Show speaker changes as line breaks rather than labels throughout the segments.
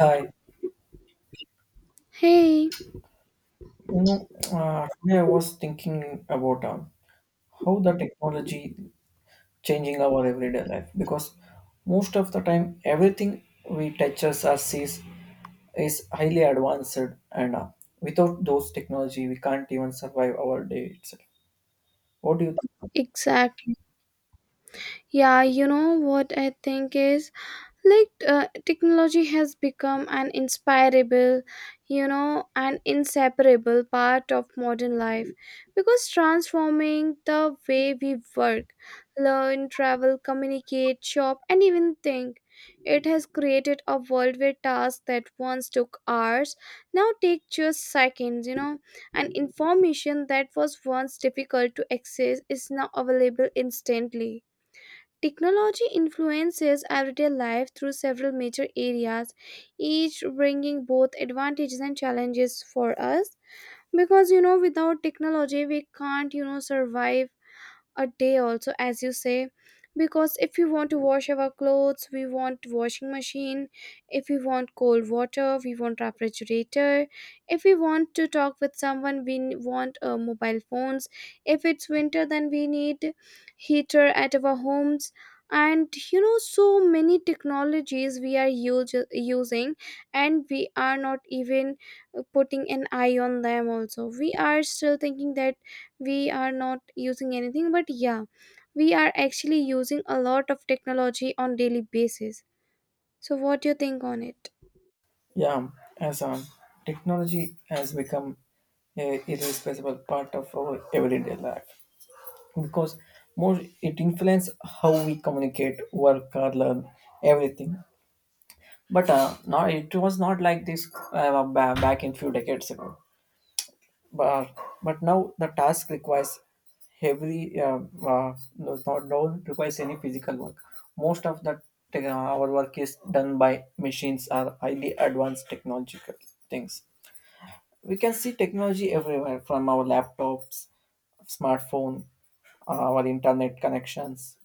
Hi.
Hey,
Today I was thinking about how the technology changing our everyday life because most of the time everything we touches or sees is highly advanced and without those technology we can't even survive our day itself. What do you think?
exactly. Yeah, you know what I think is technology has become an inspirable you know an inseparable part of modern life, because transforming the way we work, learn, travel, communicate, shop, and even think. It has created a world where tasks that once took hours now take just seconds. And information that was once difficult to access is now available instantly. Technology influences everyday life through several major areas, each bringing both advantages and challenges for us. Because you know, without technology, we can't you know survive a day also, as you say. Because if we want to wash our clothes, we want washing machine. If we want cold water, we want refrigerator. If we want to talk with someone, want mobile phones. If it's winter, then we need heater at our homes. And you know so many technologies we are using, and we are not even putting an eye on them. Also, we are still thinking that we are not using anything, but yeah, we are actually using a lot of technology on daily basis. So what do you think on it?
Yeah, as Technology has become a irreplaceable part of our everyday life because more it influences how we communicate, work, or learn everything. But now it was not like this back in few decades ago. But uh, but now the task requires heavily no, not no requires any physical work. Most of the our work is done by machines or highly advanced technological things. We can see technology everywhere from our laptops, smartphone, our internet connections.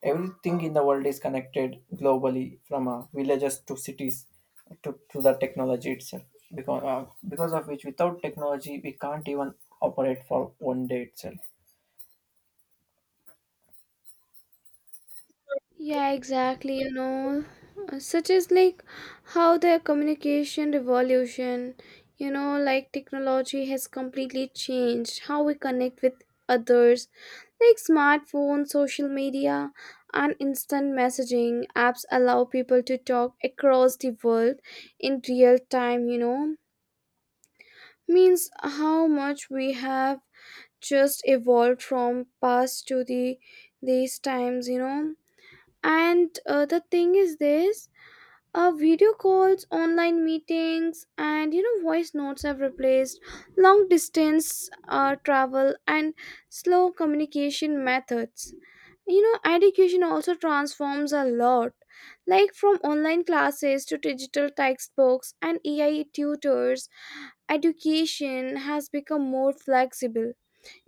Everything in the world is connected globally, from villages to cities to the technology itself. Because of which, without technology, we can't even operate for 1 day itself.
Yeah, exactly, you know. Such as like how the communication revolution, you know, like technology has completely changed how we connect with others. Like smartphones, social media, and instant messaging apps allow people to talk across the world in real time, you know. Means how much we have just evolved from past to the these times, you know. And the thing is this, video calls, online meetings, and you know, voice notes have replaced long distance travel and slow communication methods, you know. Education also transforms a lot, like from online classes to digital textbooks and AI tutors. Education has become more flexible.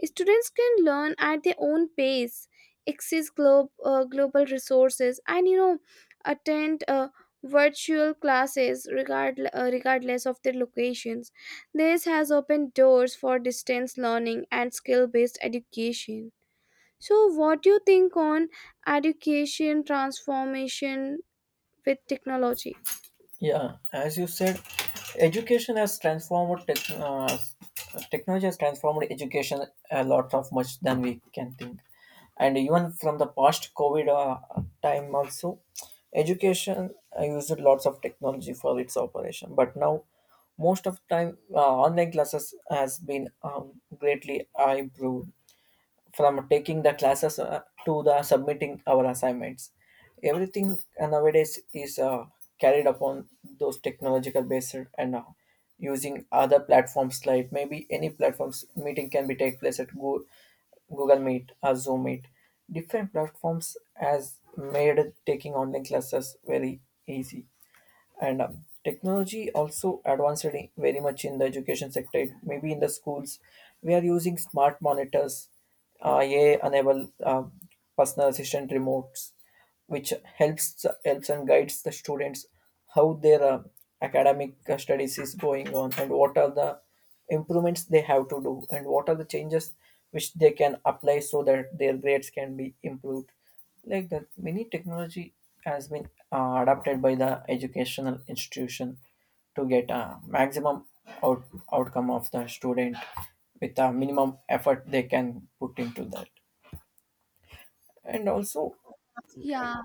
Students can learn at their own pace, access global resources, and you know, attend virtual classes regardless of their locations. This has opened doors for distance learning and skill-based education. So, what do you think on education transformation with technology?
Yeah, as you said, education has transformed technology has transformed education a lot of much than we can think, and even from the past COVID time also, education used lots of technology for its operation. But now, most of time, online classes has been greatly improved, from taking the classes to the submitting our assignments. Everything nowadays is carried upon those technological based, and using other platforms like maybe any platforms meeting can be take place at Google Meet or Zoom Meet. Different platforms has made taking online classes very easy. And technology also advanced very much in the education sector. Maybe in the schools we are using smart monitors, AI enable personal assistant remotes, which helps and guides the students how their academic studies is going on and what are the improvements they have to do and what are the changes which they can apply so that their grades can be improved. Like that, many technology has been adapted by the educational institution to get a maximum out- outcome of the student with a minimum effort they can put into that. And also,
Yeah,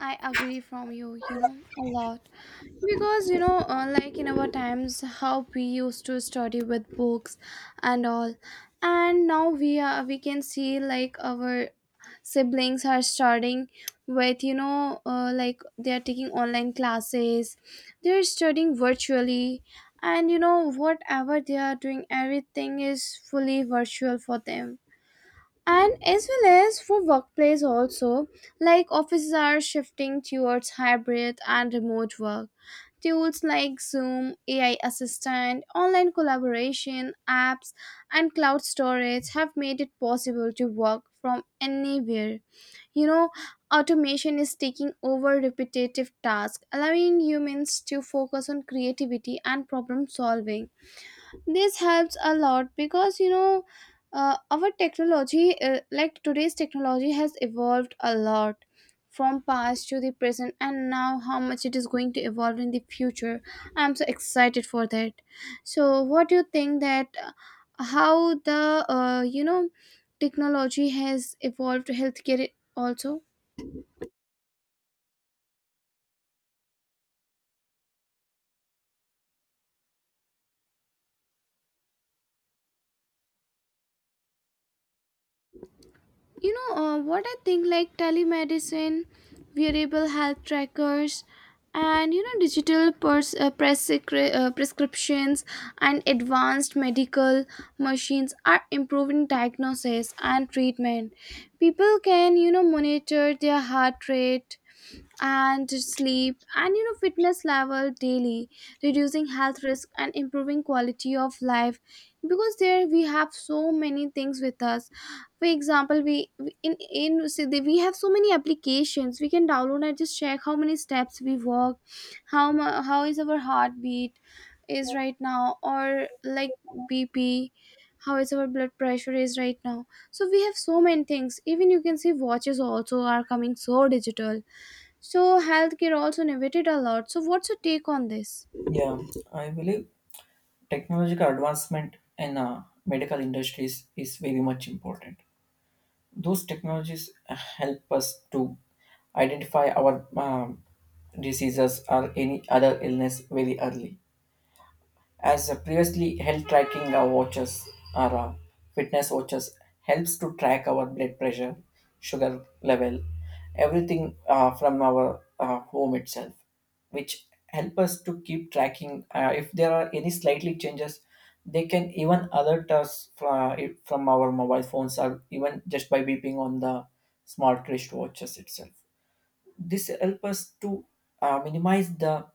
I agree from you, you know, a lot. Because, you know, like in our times, how we used to study with books and all. And now we can see like our siblings are starting with, you know, like they are taking online classes, they're studying virtually. And, you know, whatever they are doing, everything is fully virtual for them, and as well as for workplace also. Like offices are shifting towards hybrid and remote work. Tools like Zoom, AI assistant, online collaboration apps, and cloud storage have made it possible to work from anywhere, you know. Automation is taking over repetitive tasks, allowing humans to focus on creativity and problem solving. This helps a lot, because you know, our technology, like today's technology has evolved a lot from past to the present, and now how much it is going to evolve in the future, I'm so excited for that. So what do you think that how the you know technology has evolved healthcare also? You know, what I think, like telemedicine, wearable health trackers, and you know digital prescriptions, and advanced medical machines are improving diagnosis and treatment. People can you know monitor their heart rate and sleep and you know fitness level daily, reducing health risk and improving quality of life. Because there we have so many things with us. For example, we- in we have so many applications we can download and just check how many steps we walk, how is our heartbeat is right now, or like BP, how is our blood pressure is right now. So we have so many things. Even you can see watches also are coming so digital. So healthcare also innovated a lot. So what's your take on this?
yeah, I believe technological advancement in medical industries is very much important. Those technologies help us to identify our diseases or any other illness very early, as previously health tracking watches or fitness watches helps to track our blood pressure, sugar level, everything from our home itself, which help us to keep tracking. If there are any slightly changes, they can even alert us from our mobile phones or even just by beeping on the smart wristwatches itself. This helps us to minimize the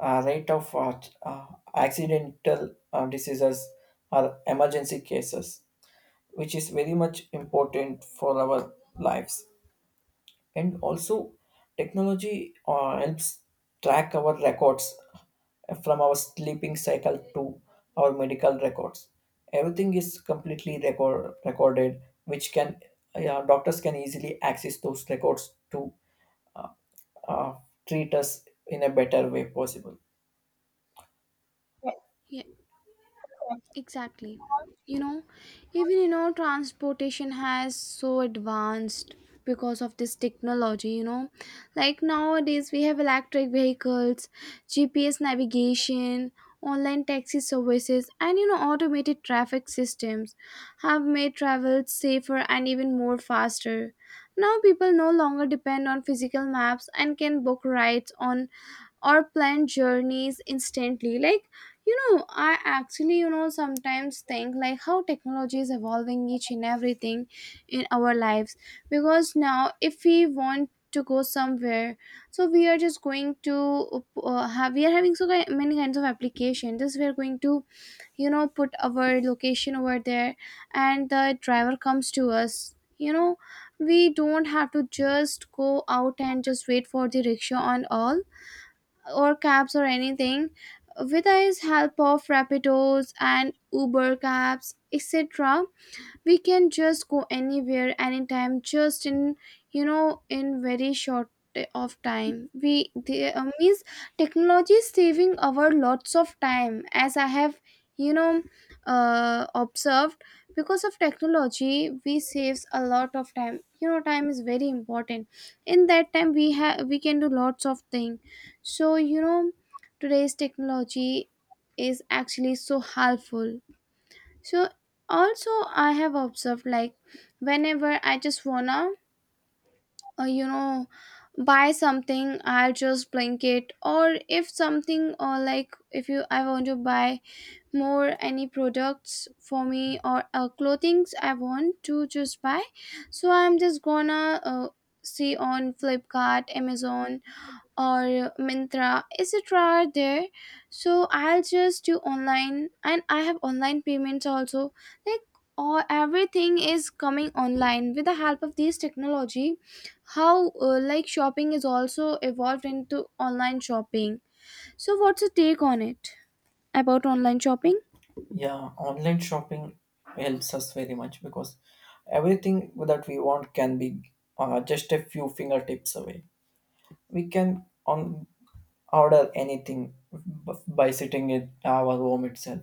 rate of accidental diseases or emergency cases, which is very much important for our lives. And also, technology helps track our records from our sleeping cycle to our medical records. Everything is completely recorded, which can, yeah, doctors can easily access those records to uh, treat us in a better way possible.
Exactly. You know, even you know, transportation has so advanced because of this technology, you know. Like nowadays we have electric vehicles, GPS navigation, online taxi services, and you know, automated traffic systems have made travel safer and even more faster. Now people no longer depend on physical maps and can book rides on or plan journeys instantly. Like you know, I actually you know sometimes think like how technology is evolving each and everything in our lives. Because now if we want to go somewhere, so we are just going to have we are having so many kinds of application. Just we are going to you know put our location over there and the driver comes to us, you know. We don't have to just go out and just wait for the rickshaw and all, or cabs or anything. With the help of Rapidos and Uber cabs, etc., we can just go anywhere anytime just in you know in very short of time. We the Means technology is saving our lots of time, as I have you know observed. Because of technology we saves a lot of time, you know time is very important. In that time we have, we can do lots of thing. So you know today's technology is actually so helpful. So also, I have observed like whenever I just wanna you know buy something, I'll just blink it. Or if something, or like if you I want to buy more any products for me or clothings I want to just buy, so I'm just gonna see on Flipkart, Amazon, or Mintra, etc. are there. So I'll just do online, and I have online payments also. Like all everything is coming online with the help of these technology. How like shopping is also evolved into online shopping. So what's your take on it, about online shopping?
Yeah, online shopping helps us very much because everything that we want can be just a few fingertips away. We can on order anything by sitting in our home itself,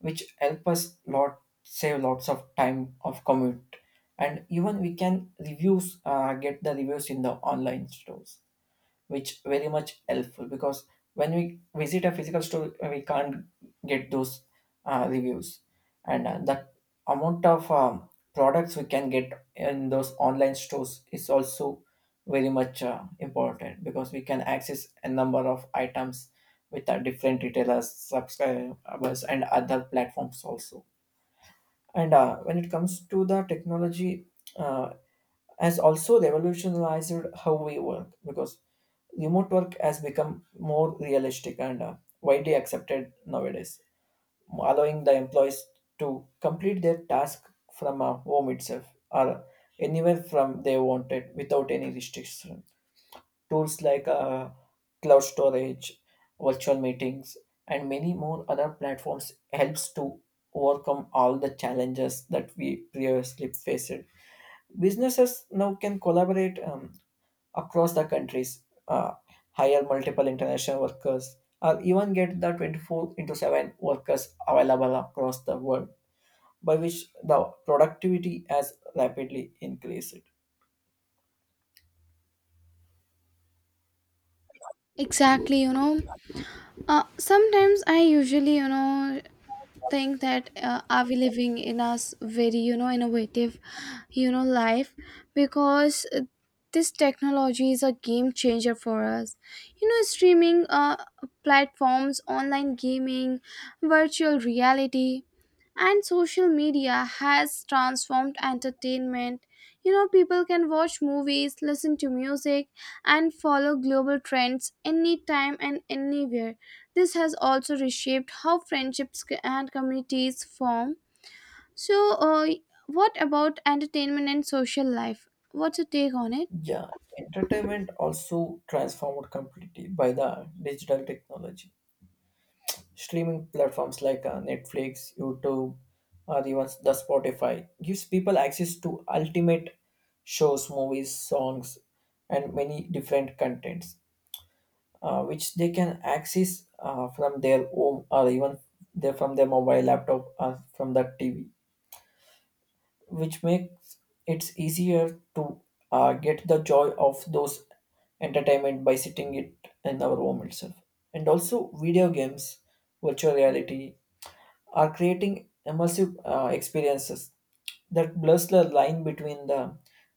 which help us lot save lots of time of commute, and even we can reviews get the reviews in the online stores, which very much helpful because when we visit a physical store we can't get those reviews. And the amount of products we can get in those online stores is also very much important because we can access a number of items with our different retailers subscribers and other platforms also. And when it comes to the technology, uh, has also revolutionized how we work because remote work has become more realistic and widely accepted nowadays, allowing the employees to complete their task from home itself or anywhere from they wanted without any restriction. Tools like cloud storage, virtual meetings, and many more other platforms helps to overcome all the challenges that we previously faced. Businesses now can collaborate across the countries, hire multiple international workers, or even get the 24 into 7 workers available across the world, by which the productivity has rapidly increased.
Exactly, you know. Sometimes I usually you know think that are we living in a very you know innovative you know life. Because this technology is a game changer for us, you know. Streaming platforms, online gaming, virtual reality, and social media has transformed entertainment, you know. People can watch movies, listen to music, and follow global trends anytime and anywhere. This has also reshaped how friendships c- and communities form. So, what about entertainment and social life? What's your take on it?
Yeah, entertainment also transformed completely by the digital technology. Streaming platforms like Netflix, YouTube, or even the Spotify gives people access to ultimate shows, movies, songs, and many different contents which they can access from their home, or even they from their mobile laptop or from the TV, which makes it easier to get the joy of those entertainment by sitting it in our home itself. And also, video games, virtual reality are creating immersive experiences that blurs the line between the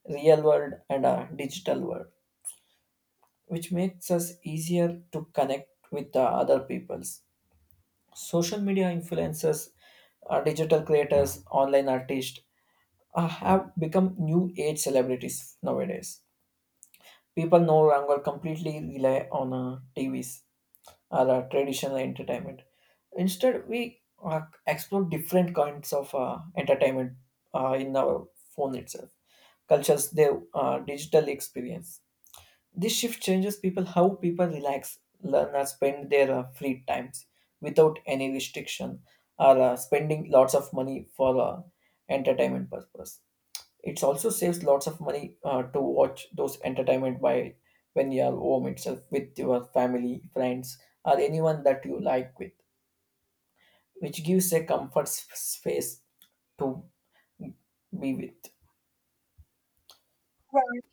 real world and a digital world, which makes us easier to connect with the other peoples. Social media influencers, digital creators, online artists have become new age celebrities nowadays. People no longer completely rely on TVs or traditional entertainment. Instead, we explore different kinds of entertainment in our phone itself, cultures, their digital experience. This shift changes people how people relax, learn or spend their free times without any restriction or spending lots of money for entertainment purpose. It also saves lots of money to watch those entertainment by when you are home itself with your family, friends, or anyone that you like with, which gives a comfort space to be with.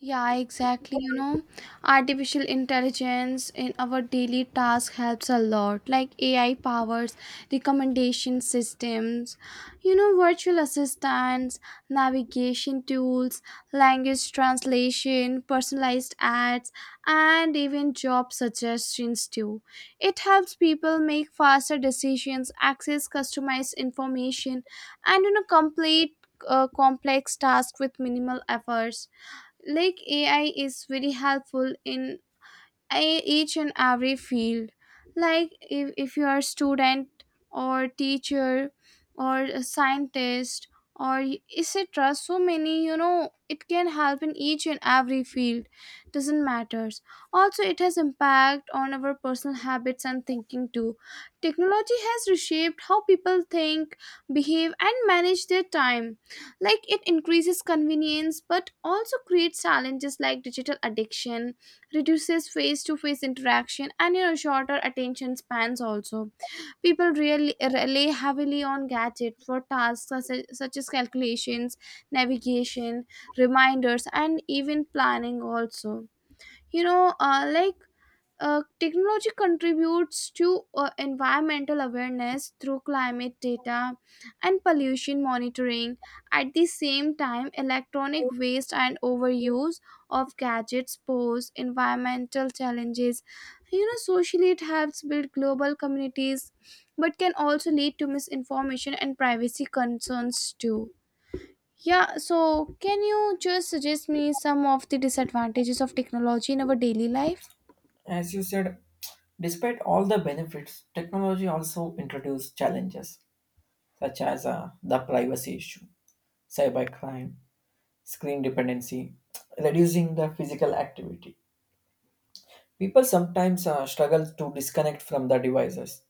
Yeah, exactly. You know, artificial intelligence in our daily task helps a lot. Like AI powers, recommendation systems, you know, virtual assistants, navigation tools, language translation, personalized ads, and even job suggestions too. It helps people make faster decisions, access customized information, and you know, complete complex tasks with minimal efforts. Like AI is very helpful in each and every field. Like if you are a student or teacher or a scientist, etc., so many, you know, it can help in each and every field, doesn't matters. Also, it has impact on our personal habits and thinking too. Technology has reshaped how people think, behave, and manage their time. Like it increases convenience but also creates challenges like digital addiction, reduces face to face interaction, and you know shorter attention spans also. People really rely heavily on gadgets for tasks such as calculations, navigation, reminders, and even planning also. You know, technology contributes to environmental awareness through climate data and pollution monitoring. At the same time, electronic waste and overuse of gadgets pose environmental challenges. You know, socially, it helps build global communities, but can also lead to misinformation and privacy concerns too. Yeah, so can you just suggest me some of the disadvantages of technology in our daily life?
As you said, despite all the benefits, technology also introduces challenges such as the privacy issue, cybercrime, screen dependency, reducing the physical activity. People sometimes struggle to disconnect from the devices,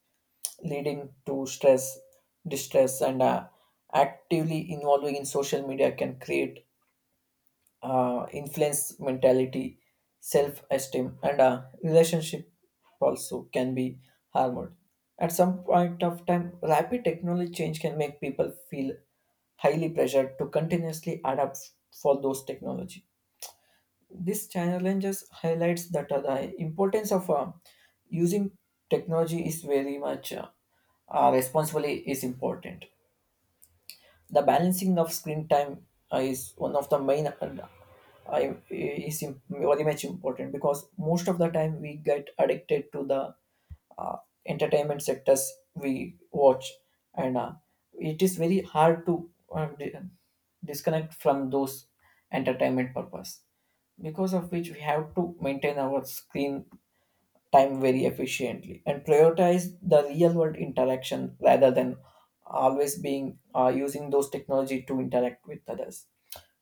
leading to stress, distress, and actively involving in social media can create influence mentality, self esteem, and relationship also can be harmed. At some point of time, rapid technology change can make people feel highly pressured to continuously adapt for those technology. This challenges highlights that the importance of using technology is very much responsibly is important. The balancing of screen time is one of the main very much important because most of the time we get addicted to the uh, entertainment sectors we watch, and it is very hard to disconnect from those entertainment purpose, because of which we have to maintain our screen time very efficiently and prioritize the real world interaction rather than always being using those technology to interact with others.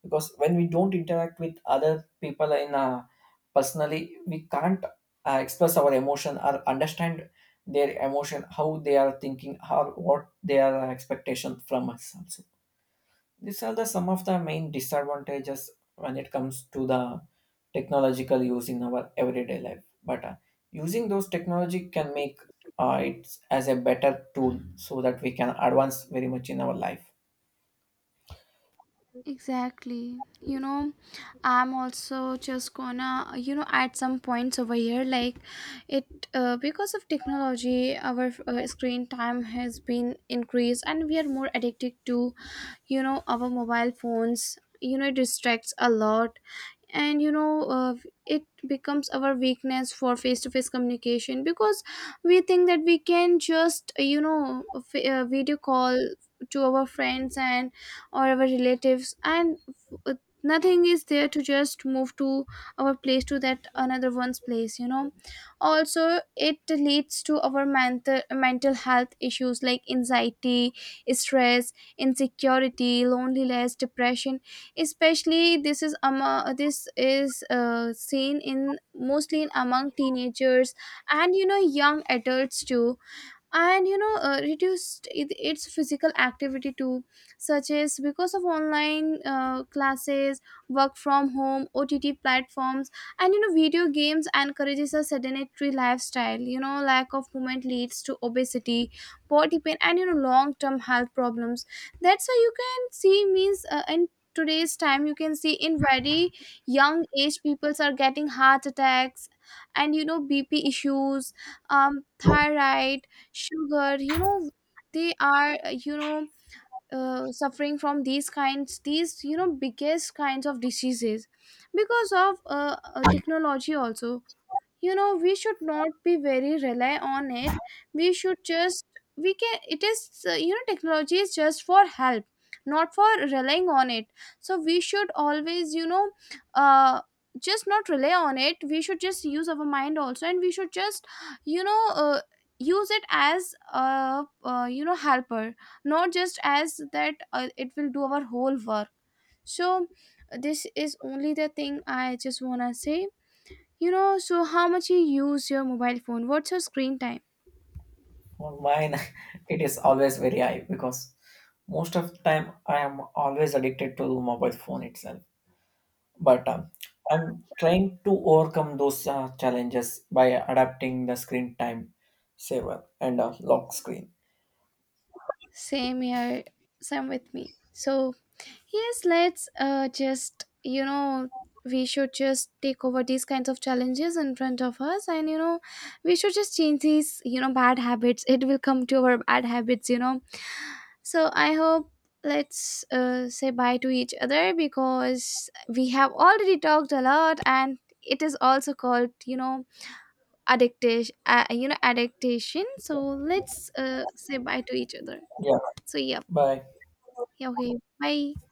Because when we don't interact with other people in a personally, we can't express our emotion or understand their emotion, how they are thinking, how what their expectation from us also. These are the some of the main disadvantages when it comes to the technological use in our everyday life. But using those technology can make it as a better tool so that we can advance very much in our life.
Exactly. You know, I'm also just gonna, you know, add some points over here. Like, it because of technology, our screen time has been increased, and we are more addicted to, you know, our mobile phones. You know, it distracts a lot. And you know it becomes our weakness for face to face communication, because we think that we can just you know video call to our friends and or our relatives, and uh, nothing is there to just move to our place to that another one's place, you know. Also, it leads to our mental health issues like anxiety, stress, insecurity, loneliness, depression. Especially this is seen in mostly in among teenagers and you know young adults too. And you know reduced its physical activity too, such as because of online classes, work from home, OTT platforms, and you know video games encourages a sedentary lifestyle. You know lack of movement leads to obesity, body pain, and you know long term health problems. That's how you can see. Means in today's time you can see in very young age peoples are getting heart attacks, and you know BP issues, thyroid, sugar, you know. They are suffering from these you know biggest kinds of diseases, because of technology also. You know, we should not be very rely on it. We should just we can it is You know, technology is just for help, not for relying on it. So we should always, you know, uh just not rely on it. We should just use our mind also, and we should just you know use it as a you know helper, not just as that it will do our whole work. So this is only the thing I just want to say, you know. So how much you use your mobile phone? What's your screen time?
For mine, it is always very high because most of the time I am always addicted to mobile phone itself. But I'm trying to overcome those challenges by adapting the screen time saver and lock screen.
Same here, same with me. So, yes, let's just, you know, we should just take over these kinds of challenges in front of us, and, you know, we should just change these, you know, bad habits. It will come to our bad habits, you know. So, I hope let's say bye to each other, because we have already talked a lot, and it is also called, you know, adaptation. So let's say bye to each other. So yeah.
Bye.
Yeah, okay. Bye.